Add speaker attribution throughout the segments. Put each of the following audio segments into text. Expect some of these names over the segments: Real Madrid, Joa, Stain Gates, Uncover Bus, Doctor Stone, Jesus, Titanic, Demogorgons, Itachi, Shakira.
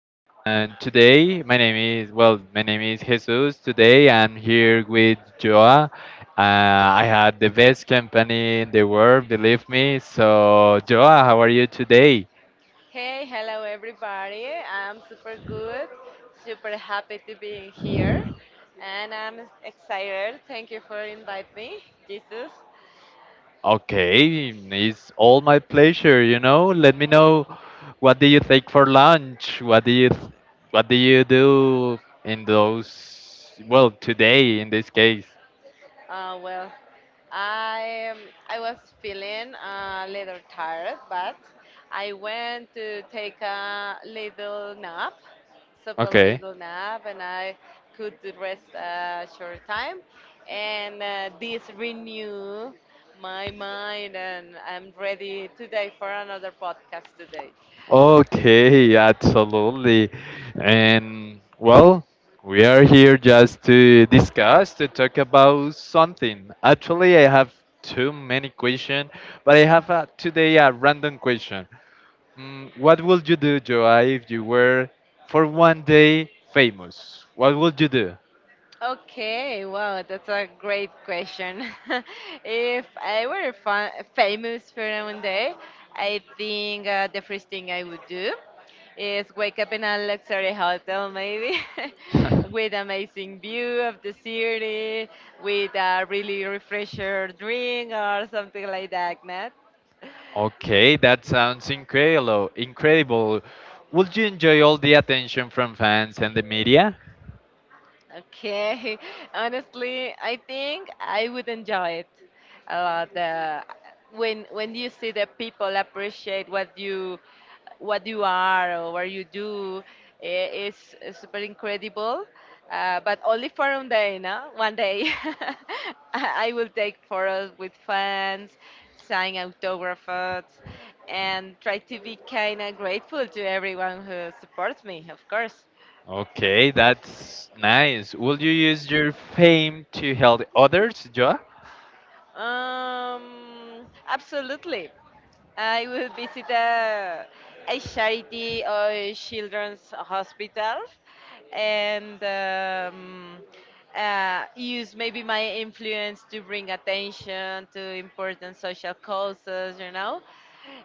Speaker 1: And today, my name is Jesus. Today, I'm here with Joa. I had the best company in the world, believe me. So, Joa, how are you today?
Speaker 2: Hey, hello everybody. I'm super good, super happy to be here, and I'm excited. Thank you for inviting me, Jesus.
Speaker 1: Okay, it's all my pleasure. You know, let me know, what do you take for lunch? What do you do in those, well, today, in this case?
Speaker 2: Uh, well, I um, I was feeling a little tired, but I went to take a little nap, super little nap, and I could rest a short time, and this renew my mind, and I'm ready today for another podcast today.
Speaker 1: Okay, absolutely. And well, we are here just to discuss, to talk about something. Actually, I have too many questions, but I have today a random question. What would you do, Joa, if you were for one day famous? What would you
Speaker 2: Okay, wow, that's a great question. If I were fa famous for one day, I think the first thing I would do is wake up in a luxury hotel, maybe,
Speaker 1: do?
Speaker 2: with amazing view of the city, with a really refresher drink or something like that, Matt.
Speaker 1: Okay, that sounds incredible. Incredible. Would you enjoy all the attention from fans and the media?
Speaker 2: Okay, honestly, I think I would enjoy it a lot. When you see the people appreciate what you are or what you do, it's super incredible. But only for one day, no? One day, I will take photos with fans, sign autographs, and try to be kind of grateful to everyone who supports me, of course.
Speaker 1: Okay, that's nice. Will you use your fame to help others, Joa?
Speaker 2: Absolutely. I will visit a charity or children's hospital and use maybe my influence to bring attention to important social causes.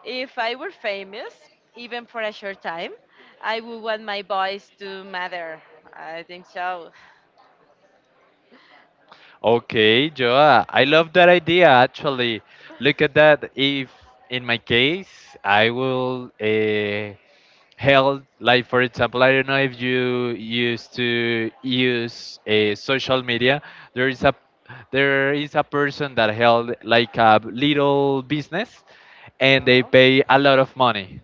Speaker 2: If I were famous, even for a short time, I would want my voice to matter. I think so.
Speaker 1: Okay, Joa, I love that idea actually. Look at that. If in my case, I will held, like, for example, I don't know, if you used to use a social media, there is a there is a person that held like a little business, and they
Speaker 2: No.
Speaker 1: pay a lot of money.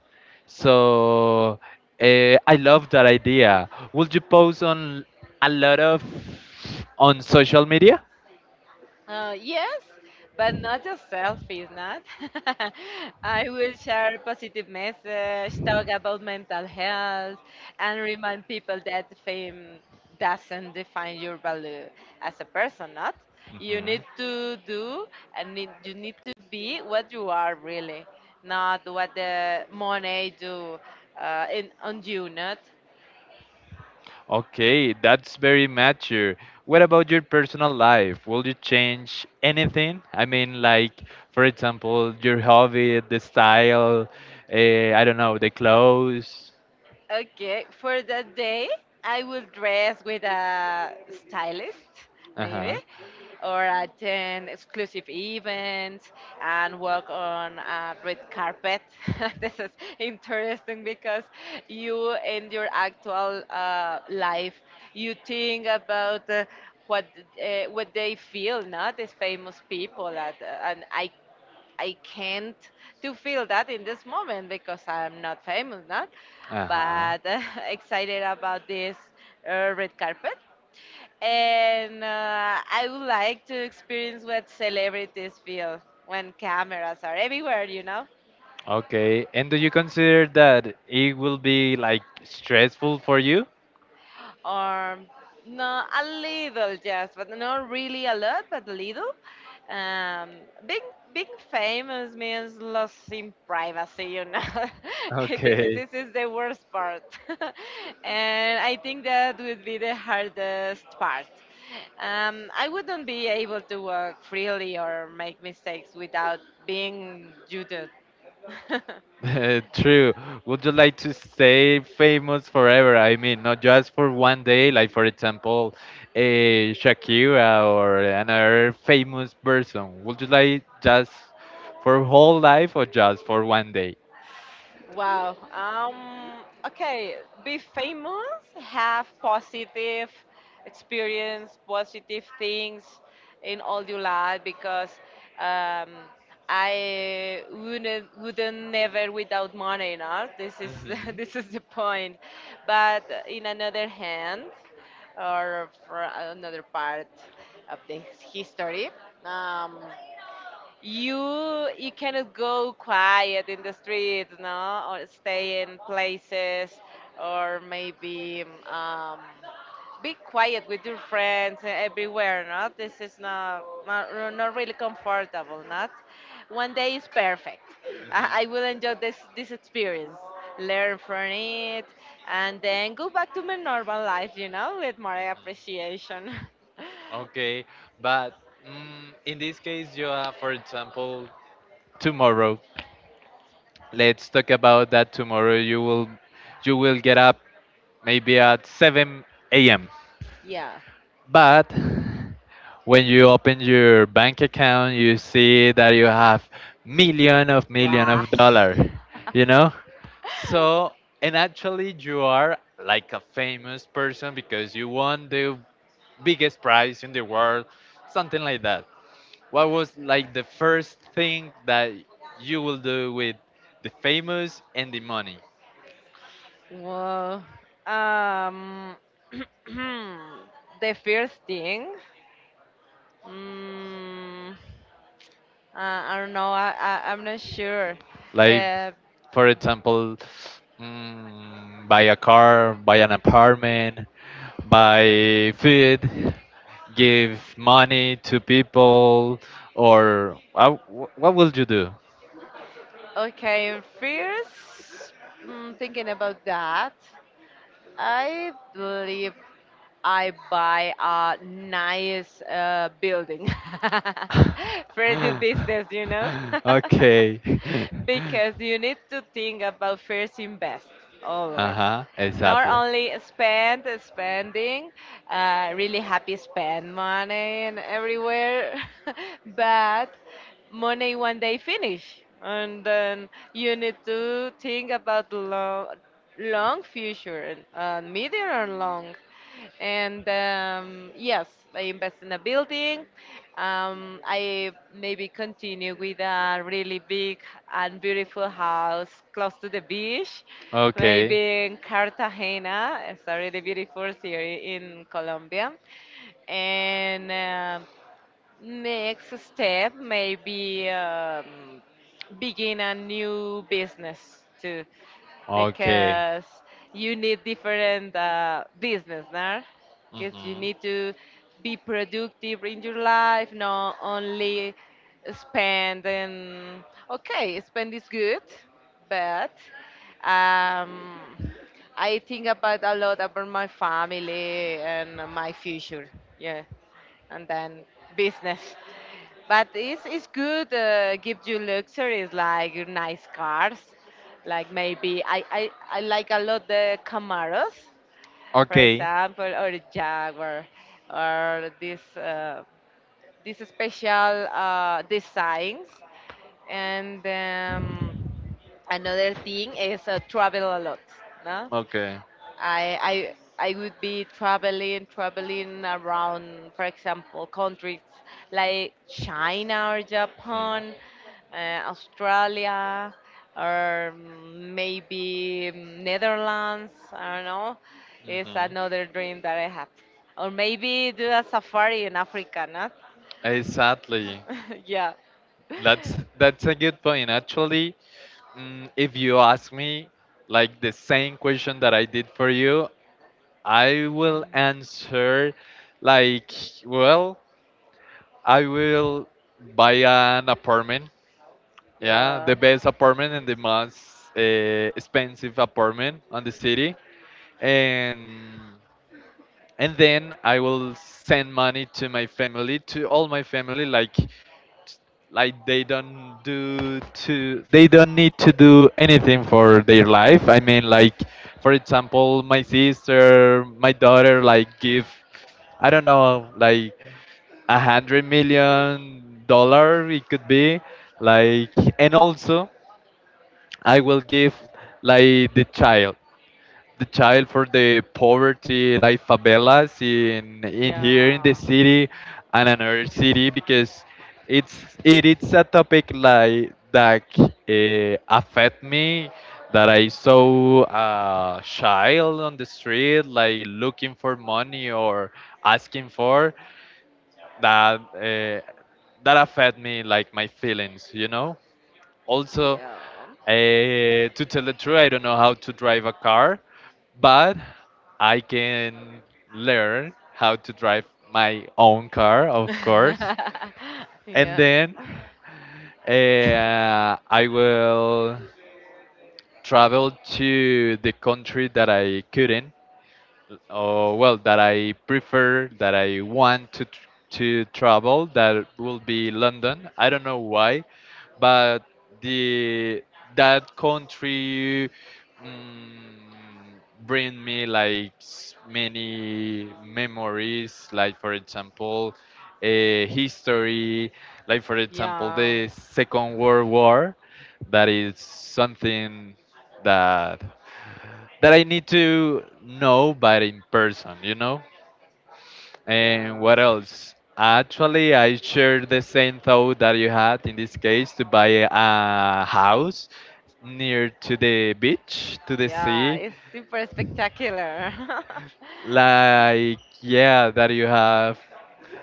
Speaker 1: So, I love that idea. Would you post on a lot of, on social media?
Speaker 2: Yes, but not just selfies, not. I will share positive message, talk about mental health, and remind people that fame doesn't define your value as a person, not. You
Speaker 1: hmm
Speaker 2: need to do and need, you need to be what you are really, not what the money do in, on you, not.
Speaker 1: Okay, that's very mature. What about your personal life? Will you change anything? I mean, like, for example, your hobby, the style, I don't know, the clothes.
Speaker 2: Okay, for that day, I will dress with a stylist,
Speaker 1: Uh
Speaker 2: maybe,
Speaker 1: huh.
Speaker 2: or attend exclusive events and walk on a red carpet. This is interesting because you, in your actual life, you think about what what they feel, not these famous people, at, and I can't to feel that in this moment because I'm not famous, not,
Speaker 1: Uh huh.
Speaker 2: but excited about this red carpet. And I would like to experience what celebrities feel when cameras are everywhere, you know?
Speaker 1: Okay. And do you consider that it will be like stressful for you?
Speaker 2: Or no, a little just, but not really a lot, but a little. Um, being being famous means losing privacy.
Speaker 1: Okay.
Speaker 2: This is the worst part, and I think that would be the hardest part. I wouldn't be able to work freely or make mistakes without being judged.
Speaker 1: True. Would you like to stay famous forever? I mean, not just for one day, like for example, a Shakira or another famous person. Would you like just for whole life or just for one day?
Speaker 2: Wow. Okay. Be famous, have positive experience, positive things in all your life because um, I wouldn't never without money, you know. This is
Speaker 1: Mhm.
Speaker 2: this is the point. But in another hand, or for another part of the history, um, you you cannot go quiet in the streets, no, or stay in places, or maybe um, be quiet with your friends everywhere, Not This is not not, not really comfortable, not. One day is perfect.
Speaker 1: Mhm.
Speaker 2: I
Speaker 1: Mhm.
Speaker 2: will enjoy this experience, learn from it, and then go back to my normal life, you know, with more appreciation.
Speaker 1: Okay, but in this case, Joa, for example, tomorrow. Let's talk about that tomorrow. You will get up maybe at 7 a.m.
Speaker 2: Yeah.
Speaker 1: But when you open your bank account, you see that you have million
Speaker 2: Wow.
Speaker 1: of dollar, you know? So, and actually you are like a famous person because you won the biggest prize in the world, something like that. What was like the first thing that you will do with the famous and the money?
Speaker 2: Well, um, the first thing, mm, I don't know. I'm not sure.
Speaker 1: Like,
Speaker 2: Uh,
Speaker 1: for example, buy a car, buy an apartment, buy food, give money to people, or what will you do?
Speaker 2: okay, first, thinking about that, I believe I buy a nice building for the business. You know.
Speaker 1: Okay.
Speaker 2: Because you need to think about first invest
Speaker 1: Uh
Speaker 2: always
Speaker 1: huh.
Speaker 2: not
Speaker 1: Exactly.
Speaker 2: only spending really happy spend money and everywhere but money one day finish and then you need to think about the long long future and medium and long and yes, I invest in a building. I maybe continue with a really big and beautiful house close to the beach,
Speaker 1: Okay.
Speaker 2: maybe in Cartagena. It's a really beautiful city in Colombia. And next step, maybe begin a new business too
Speaker 1: Okay.
Speaker 2: because you need different business, nah. Because you
Speaker 1: Mhm.
Speaker 2: need to be productive in your life, not only spend and okay, spend is good, but um, I think about a lot about my family and my future. Yeah, and then business. But it's good, gives you luxuries like nice cars. Like maybe I like a lot the Camaros, for
Speaker 1: Okay.
Speaker 2: example, or the Jaguar, or this special designs. And another thing is travel a lot. No?
Speaker 1: Okay. Mhm.
Speaker 2: I would be traveling around, for example, countries like China or Japan, uh, Australia, or maybe Netherlands. I don't know. It's another dream that I have. Or maybe do a safari in Africa, not?
Speaker 1: Exactly.
Speaker 2: Yeah.
Speaker 1: That's that's a good point. Actually, if you ask me, like the same question that I did for you, I will answer, like, well, I will buy an apartment. Yeah,
Speaker 2: Yeah.
Speaker 1: the best apartment and the most expensive apartment on the city, and and then I will send money to my family, to all my family, like they don't need to do anything for their life. I mean, like for example, my sister, my daughter, like give, I don't know, like 100 million dollar, it could be, like, and also I will give, like, the child for the poverty, like favelas, in here in the
Speaker 2: Yeah.
Speaker 1: city and another city, because it's a topic like that affect me, that I saw a child on the street, like looking for money or asking for that, that affect me, like my feelings, also.
Speaker 2: Yeah.
Speaker 1: uh, to tell the truth, I don't know how to drive a car, but I can learn how to drive my own car, of course. And
Speaker 2: Yeah.
Speaker 1: then I will travel to the country that I couldn't, oh well, that I prefer, that I want to to travel, that will be London. I don't know why, but the that country, mm, bring me like, many memories, like for example a history, like for example
Speaker 2: Yeah.
Speaker 1: the second world war, that is something that that I need to know, but in person, you know? And
Speaker 2: Yeah.
Speaker 1: what else? Actually, I shared the same thought that you had in this case, to buy a house near to the beach, to the
Speaker 2: Yeah,
Speaker 1: sea.
Speaker 2: it's super spectacular.
Speaker 1: Like, yeah, that you have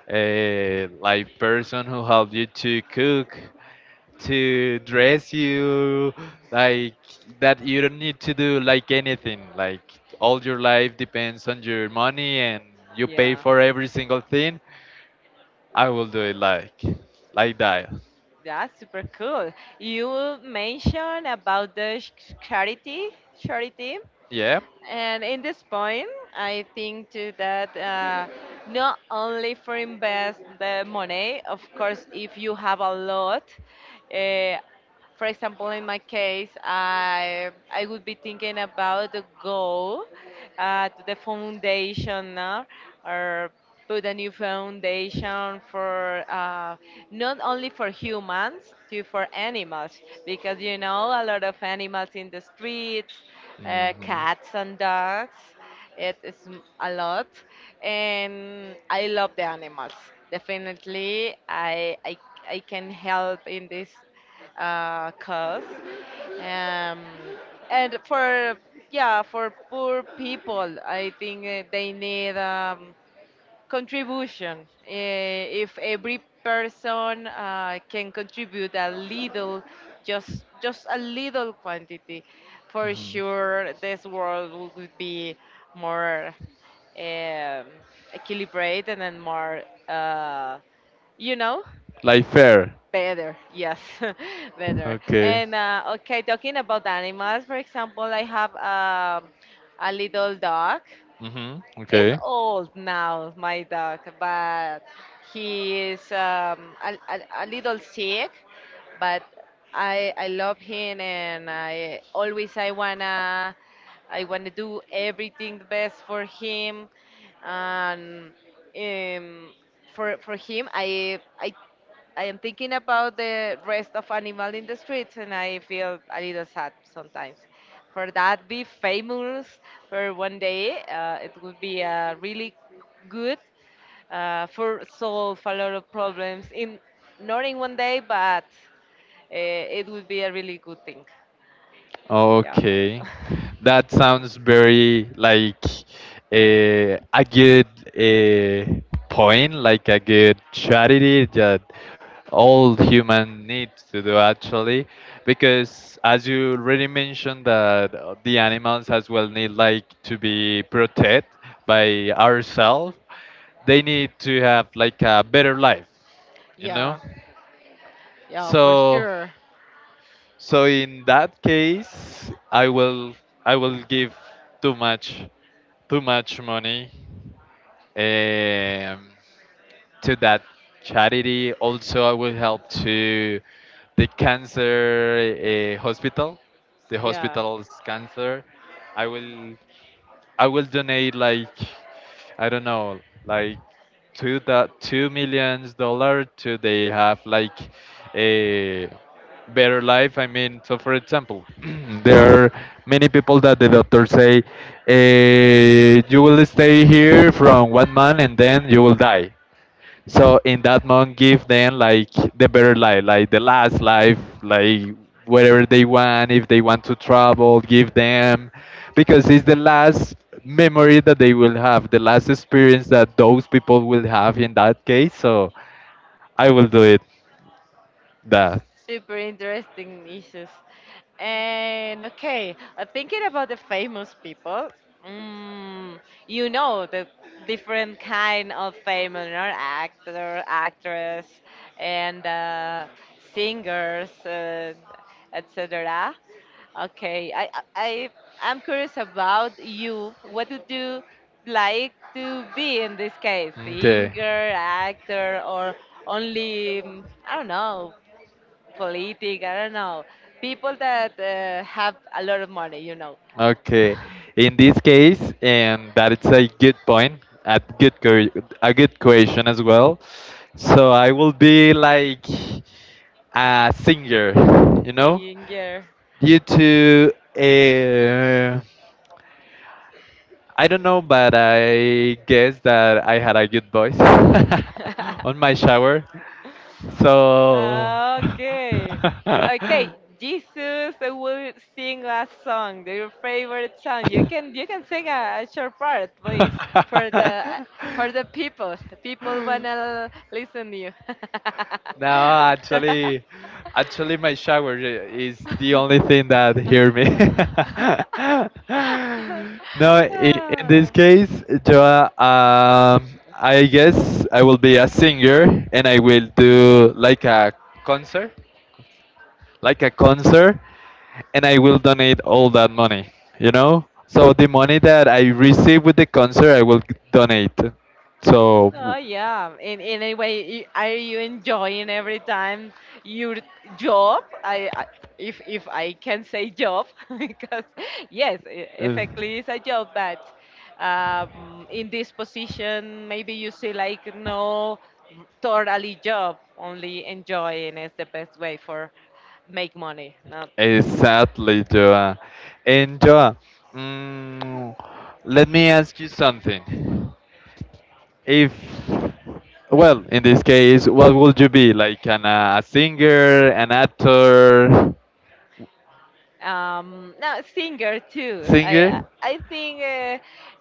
Speaker 1: a, like, person who help you to cook, to dress you, like, that you don't need to do like anything, like all your life depends on your money and you pay
Speaker 2: Yeah.
Speaker 1: for every single thing. I will do it, like that.
Speaker 2: That's super cool. You mentioned about the charity,
Speaker 1: Yeah.
Speaker 2: and in this point, I think too that not only for invest the money, of course, if you have a lot, uh, for example, in my case, I would be thinking about the goal, to the foundation now, or put a new foundation for not only for humans, too for animals, because you know a lot of animals in the streets, cats and dogs. It is a lot, and I love the animals. Definitely, I can help in this cause. Um, and for yeah, for poor people, I think they need contribution. Eh, if every person can contribute a little, just a little quantity, for
Speaker 1: Mhm. Mhm.
Speaker 2: sure this world would be more um, equilibrated and more, uh, you know.
Speaker 1: Like fair.
Speaker 2: Better, yes, better.
Speaker 1: Okay.
Speaker 2: And okay, talking about animals, for example, I have a little dog.
Speaker 1: Mhm.
Speaker 2: It's
Speaker 1: Okay.
Speaker 2: old now, my dog, but he is a little sick, but I love him, and I always I wanna do everything the best for him, and um, for him I am thinking about the rest of animal in the streets and I feel a little sad sometimes. For that, be famous for one day. It would be really good for solve a lot of problems in not in one day, but it would be a really good thing. Yeah.
Speaker 1: Okay, that sounds very like a good, a point, like a good charity that all human needs to do actually, because as you already mentioned that, the animals as well need like to be protected by ourselves, they need to have like a better life, you know.
Speaker 2: Yeah, yeah, for
Speaker 1: So
Speaker 2: sure.
Speaker 1: so in that case, I will give too much too much money, um, to that charity. Also, I will help to the cancer hospital, the
Speaker 2: Yeah.
Speaker 1: hospital's cancer. I will I will donate, like, I don't know, like two millions dollar, to they have like a better life. I mean, so for example, there are many people that the doctor say, you will stay here from one month and then you will die. So in that month, give them, like, the better life, like the last life, like whatever they want. If they want to travel, give them, because it's the last memory that they will have, the last experience that those people will have in that case. So I will do it. That
Speaker 2: Super interesting nieces. And okay, thinking about the famous people, mm, you know the different kind of famous, you know, actor, actress, and singers, etc. Okay, I'm curious about you. What would you like to be in this case?
Speaker 1: Okay.
Speaker 2: Singer, actor, or only I don't know politic. I don't know. People that have a lot of money, you know.
Speaker 1: Okay, in this case, and that is a good point, a good question as well. So I will be like a singer, you know,
Speaker 2: Younger.
Speaker 1: due to uh, I don't know, but I guess that I had a good voice on my shower. So,
Speaker 2: Okay. Okay, Jesus will sing a song, your favorite song. You can sing a short part, please, for the for the people. People wanna listen to you.
Speaker 1: no, actually, my shower is the only thing that hear me. No, in this
Speaker 2: Ah.
Speaker 1: case, Joa, I guess I will be a singer, and I will do like concert, a concert, and I will donate all that money, you know? So the money that I receive with the concert, I will donate. So,
Speaker 2: Oh yeah. In any way, are you enjoying every time your job? I if I can say job because yes, effectively it's a job, but in this position, maybe you see like no totally job, only enjoying is the best way for make money, not
Speaker 1: exactly, Joa. And Joa, mm, let me ask you something. If, well, in this case, what would you be? Like a singer, an actor,
Speaker 2: no singer too i
Speaker 1: singer?
Speaker 2: i think uh,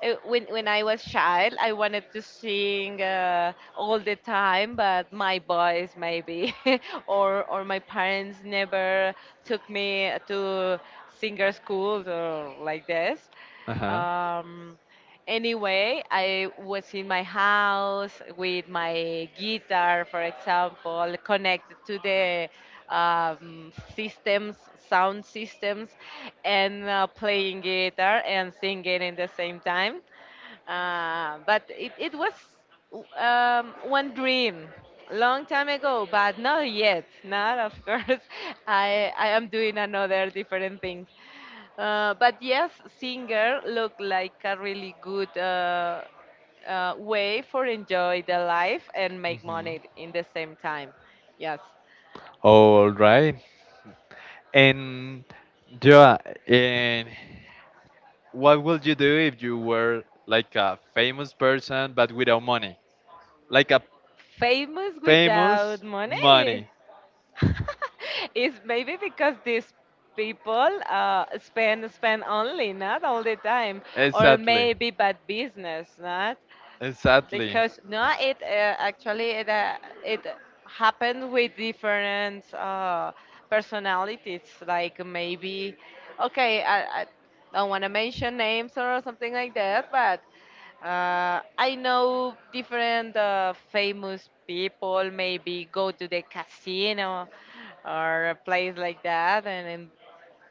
Speaker 2: uh, when I was child I wanted to sing all the time but my boys maybe or my parents never took me to singer schools or like this
Speaker 1: Uh huh.
Speaker 2: um anyway, I was in my house with my guitar, for example, connected to the systems, sound systems, and playing guitar and singing in the same time. But it was one dream long time ago, but not yet. Not, of course. I am doing another different thing. But yes, singer look like a really good way for enjoy the life and make
Speaker 1: Hmm.
Speaker 2: money in the same time. Yes,
Speaker 1: All right. And Joa, and what would you do if you were like a famous person but without money? Like a
Speaker 2: famous without
Speaker 1: famous money.
Speaker 2: money. It's maybe because these people spend only not all the time or
Speaker 1: Exactly.
Speaker 2: maybe bad business not
Speaker 1: Exactly.
Speaker 2: because no it actually it happened with different personalities like maybe I don't want to mention names or something like that but I know different famous people maybe go to the casino or a place like that,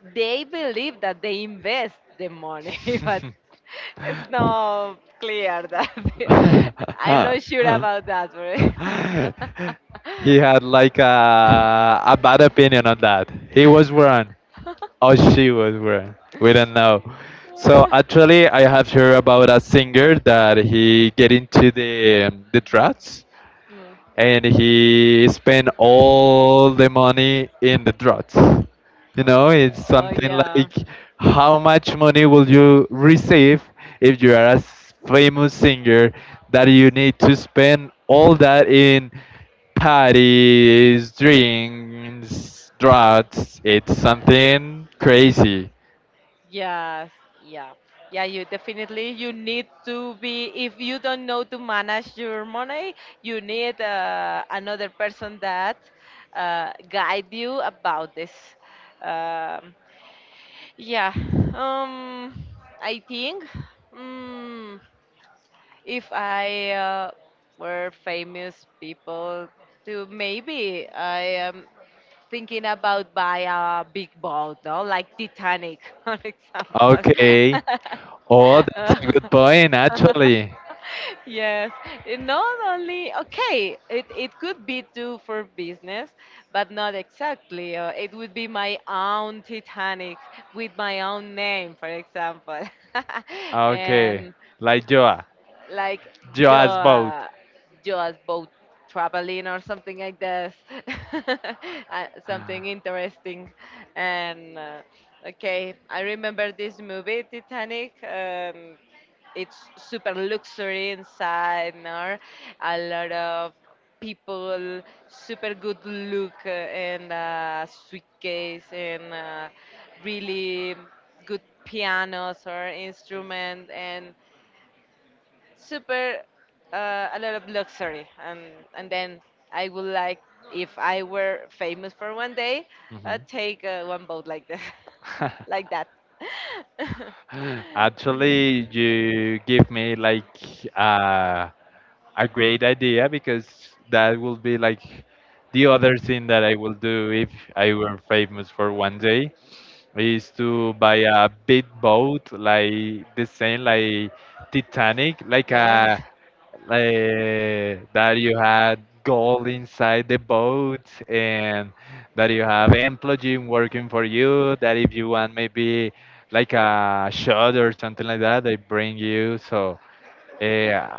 Speaker 2: and they believe that they invest the money, but it's not clear that I'm not sure about that, for example.
Speaker 1: He had like a bad opinion on that. He was wrong. Oh, she was born. We don't know. So actually, I have heard about a singer that he get into the drugs,
Speaker 2: Mm.
Speaker 1: and he spent all the money in the drugs. You know,
Speaker 2: Oh,
Speaker 1: it's
Speaker 2: oh,
Speaker 1: something
Speaker 2: yeah.
Speaker 1: like, how much money will you receive if you are a famous singer, that you need to spend all that in parties, drinks, drugs. It's something crazy.
Speaker 2: Yes, yeah. Yeah, you definitely you need to be if you don't know to manage your money, you need another person that guide you about this. Um, yeah. Um, I think mm, if I were famous people, to maybe I am thinking about buy a big boat, no? Like Titanic, for example.
Speaker 1: Okay. Oh, that's a good point, actually.
Speaker 2: Yes, it not only okay, it could be too for business, but not exactly. It would be my own Titanic with my own name, for example.
Speaker 1: Okay,
Speaker 2: And
Speaker 1: like Joa.
Speaker 2: like you
Speaker 1: Joa's boat.
Speaker 2: uh, you as both traveling or something like this. Something interesting and okay, I remember this movie Titanic. It's super luxury inside, no? A lot of people super good look, and suitcase, and really good pianos or instrument, and super a lot of luxury. And then I would like, if I were famous for one day,
Speaker 1: Mhm.
Speaker 2: take one boat like this. Like that.
Speaker 1: Actually, you give me like a great idea, because that will be like the other thing that I will do if I were famous for one day. I used to buy a big boat, like the same like Titanic,
Speaker 2: Yeah.
Speaker 1: like that you had gold inside the boat, and that you have employee working for you, that if you want maybe like a shot or something like that, they bring you. So, uh,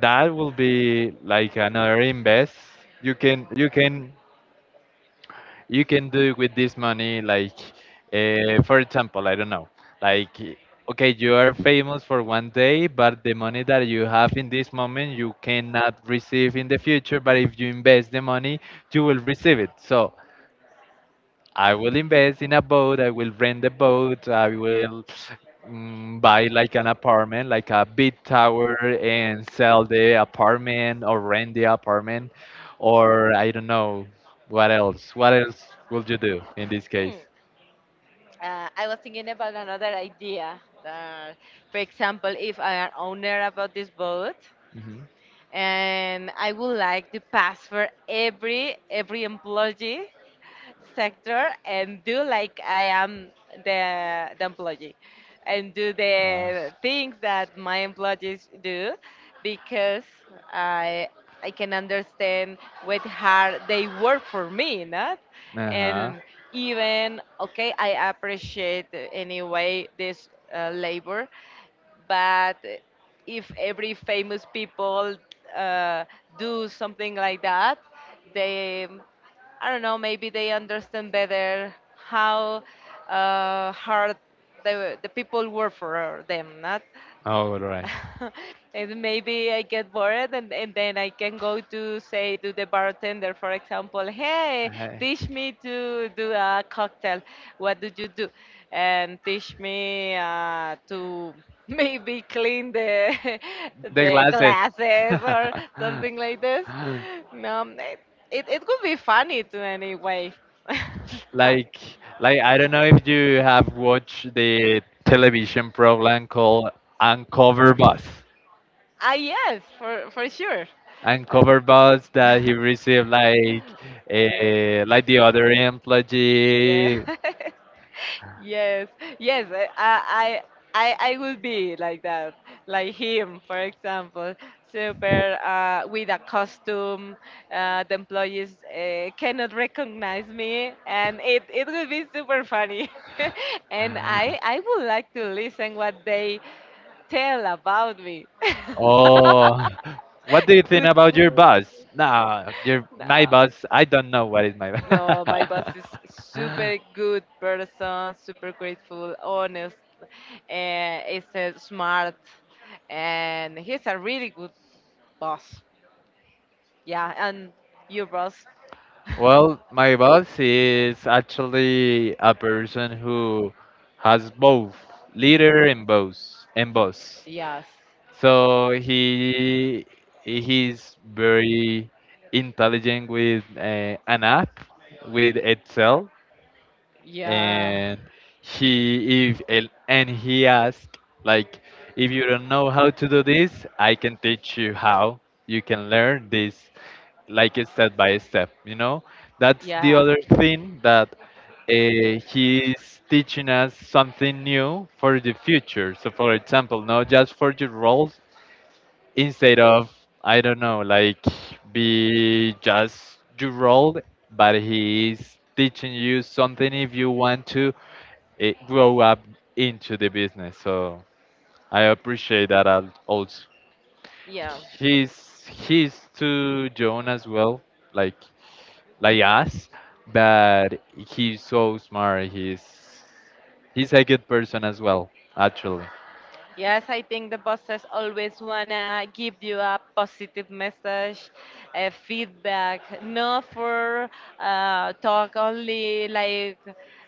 Speaker 1: that will be like another invest. You can you can you can do with this money, like, for example, I don't know, like, okay, you are famous for one day, but the money that you have in this moment, you cannot receive in the future. But if you invest the money, you will receive it. So I will invest in a boat. I will rent the boat. I will, buy like an apartment, like a big tower, and sell the apartment or rent the apartment, or I don't know what else. What else will you do in this case?
Speaker 2: Mm, I was thinking about another idea that, for example, if I am owner about this boat,
Speaker 1: Hmm.
Speaker 2: and I would like to pass for every employee sector and do like I am the employee and do
Speaker 1: Uh
Speaker 2: the things that my employees do, because I I can understand what hard they work for me, not.
Speaker 1: huh.
Speaker 2: And even okay, I appreciate anyway this labor, but if every famous people uh, do something like that, they, I don't know, maybe they understand better how hard the people work for them, not?
Speaker 1: All right.
Speaker 2: And maybe I get bored, and then I can go to say to the bartender, for example, hey,
Speaker 1: Uh,
Speaker 2: teach me to do a cocktail. What did you do? And teach me to maybe clean the
Speaker 1: the
Speaker 2: the
Speaker 1: glasses.
Speaker 2: glasses. Or something like this. No, it could be funny to anyway. Nice.
Speaker 1: Like, like, I don't know if you have watched the television program called Uncover Bus.
Speaker 2: Ah, yes, for sure.
Speaker 1: Uncover Bus, that he
Speaker 2: Uh,
Speaker 1: received like,
Speaker 2: yes.
Speaker 1: like the other
Speaker 2: Yeah.
Speaker 1: employee.
Speaker 2: Yes. Yes. I I I will be like that. Like him, for example, super with a costume. The employees cannot recognize me, and it will be super funny. And I would like to listen what they tell about me.
Speaker 1: Oh, what do you think
Speaker 2: Good
Speaker 1: about your
Speaker 2: food.
Speaker 1: bus? Nah, your, my
Speaker 2: Nah.
Speaker 1: bus. I don't know what is my
Speaker 2: No, my boss is
Speaker 1: bus.
Speaker 2: super good person, super grateful, honest, and is smart, and he's a really good boss. Yeah, and your boss?
Speaker 1: Well, my boss is actually a person who has both, leader and boss and boss.
Speaker 2: Yes.
Speaker 1: So he's very intelligent with an app, with Excel.
Speaker 2: Yeah.
Speaker 1: And he he asked, like, if you don't know how to do this, I can teach you how you can learn this, like, a step by step, you know. That's the
Speaker 2: Yeah.
Speaker 1: other thing, that he's teaching us something new for the future. So for example, not just for your roles, instead of, I don't know, like, be just your role, but he's teaching you something if you want to grow up into the business. So I appreciate that, also
Speaker 2: Yeah.
Speaker 1: he's to join as well, like like us, but he's so smart. He's a good person as well, actually.
Speaker 2: Yes, I think the bosses always wanna give you a positive message, a feedback, not for talk only like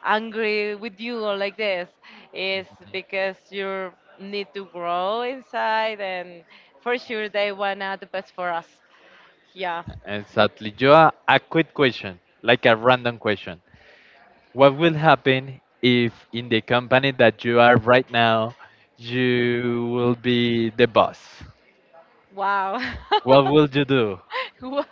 Speaker 2: angry with you or like this. It's because you need to grow inside, and for sure they wanna the best for us. Yeah.
Speaker 1: Exactly. Joe, a quick question, like a random question. What will happen if in the company that you are right now, you will be the boss?
Speaker 2: Wow.
Speaker 1: What will you do?
Speaker 2: Wow,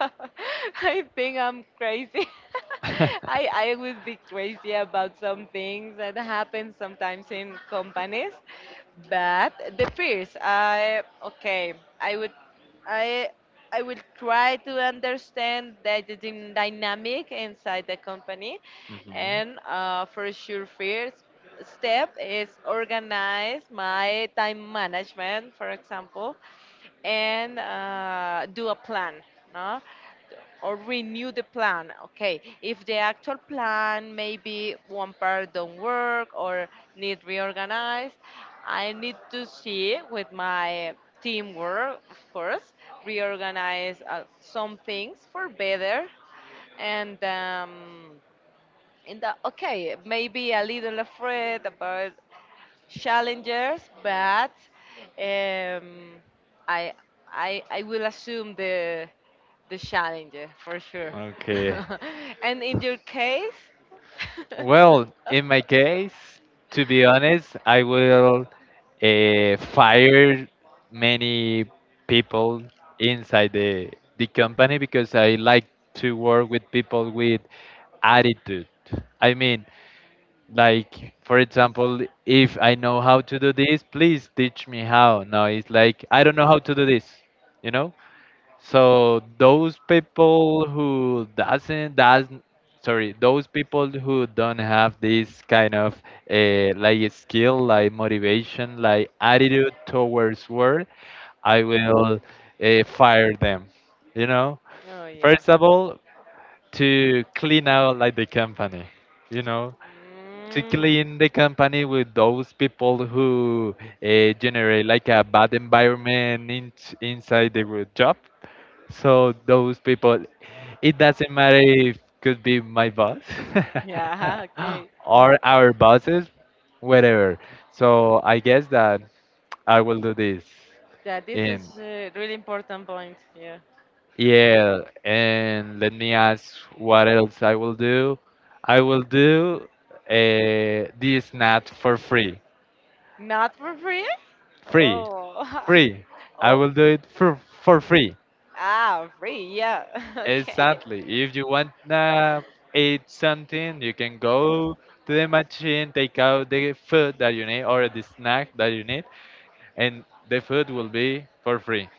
Speaker 2: I think I'm crazy. I would be crazy about some things that happen sometimes in companies, but the fears. I okay. I would I I will try to understand the dynamic inside the company,
Speaker 1: Mhm.
Speaker 2: and for sure, first step is organize my time management, for example, and do a plan, no? Or renew the plan. Okay, if the actual plan maybe one part don't work or need reorganized, I need to see with my teamwork, of course, reorganize some things for better. And In the okay, maybe a little afraid about challengers, but um, I, I will assume the challenge, eh, for sure.
Speaker 1: Okay.
Speaker 2: And in your case?
Speaker 1: Well, in my case, to be honest, I will fire many people inside the company, because I like to work with people with attitude. I mean, like for example, if I know how to do this, please teach me how. No, it's like, I don't know how to do this, you know? So those people who doesn't does, sorry, those people who don't have this kind of like skill, like motivation, like attitude towards work, I will fire them you know
Speaker 2: Oh yeah.
Speaker 1: First of all, to clean out, like, the company you know to
Speaker 2: Mm.
Speaker 1: clean the company with those people who generate like a bad environment inside the group job. So those people, it doesn't matter if could be my boss
Speaker 2: Yeah, okay.
Speaker 1: or our bosses, whatever. So I guess that I will do this.
Speaker 2: Yeah, this is
Speaker 1: And
Speaker 2: a really important point. Yeah.
Speaker 1: yeah, and let me ask what else I will do. I will do, this, not for free,
Speaker 2: Not for free?
Speaker 1: free,
Speaker 2: Oh.
Speaker 1: free. I
Speaker 2: Oh.
Speaker 1: will do it for free.
Speaker 2: Ah, free, yeah. Okay.
Speaker 1: Exactly. If you want to eat something, you can go to the machine, take out the food that you need or the snack that you need, and the food will be for free.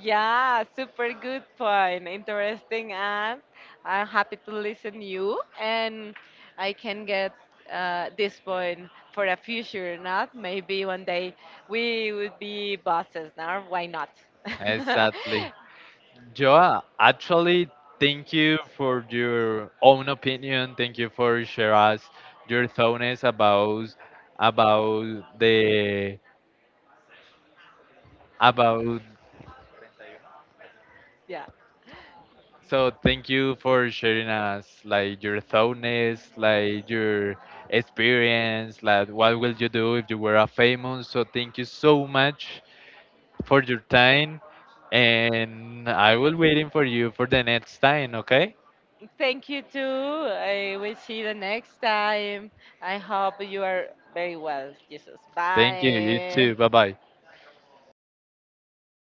Speaker 2: Yeah, super good point. Interesting. And I'm happy to listen you, and I can get this point for a future. Not maybe one day we would be bosses. Now why not?
Speaker 1: Exactly. Joa, actually, thank you for your own opinion. Thank you for sharing us your thoughts about the about.
Speaker 2: Yeah.
Speaker 1: So thank you for sharing us like your thoughtness, like your experience, like what will you do if you were a famous. So thank you so much for your time, and I will waiting for you for the next time. Okay?
Speaker 2: Thank you too. I will see you the next time. I hope you are very well, Jesus.
Speaker 1: Thank you. You too.
Speaker 2: Bye.
Speaker 1: Bye bye.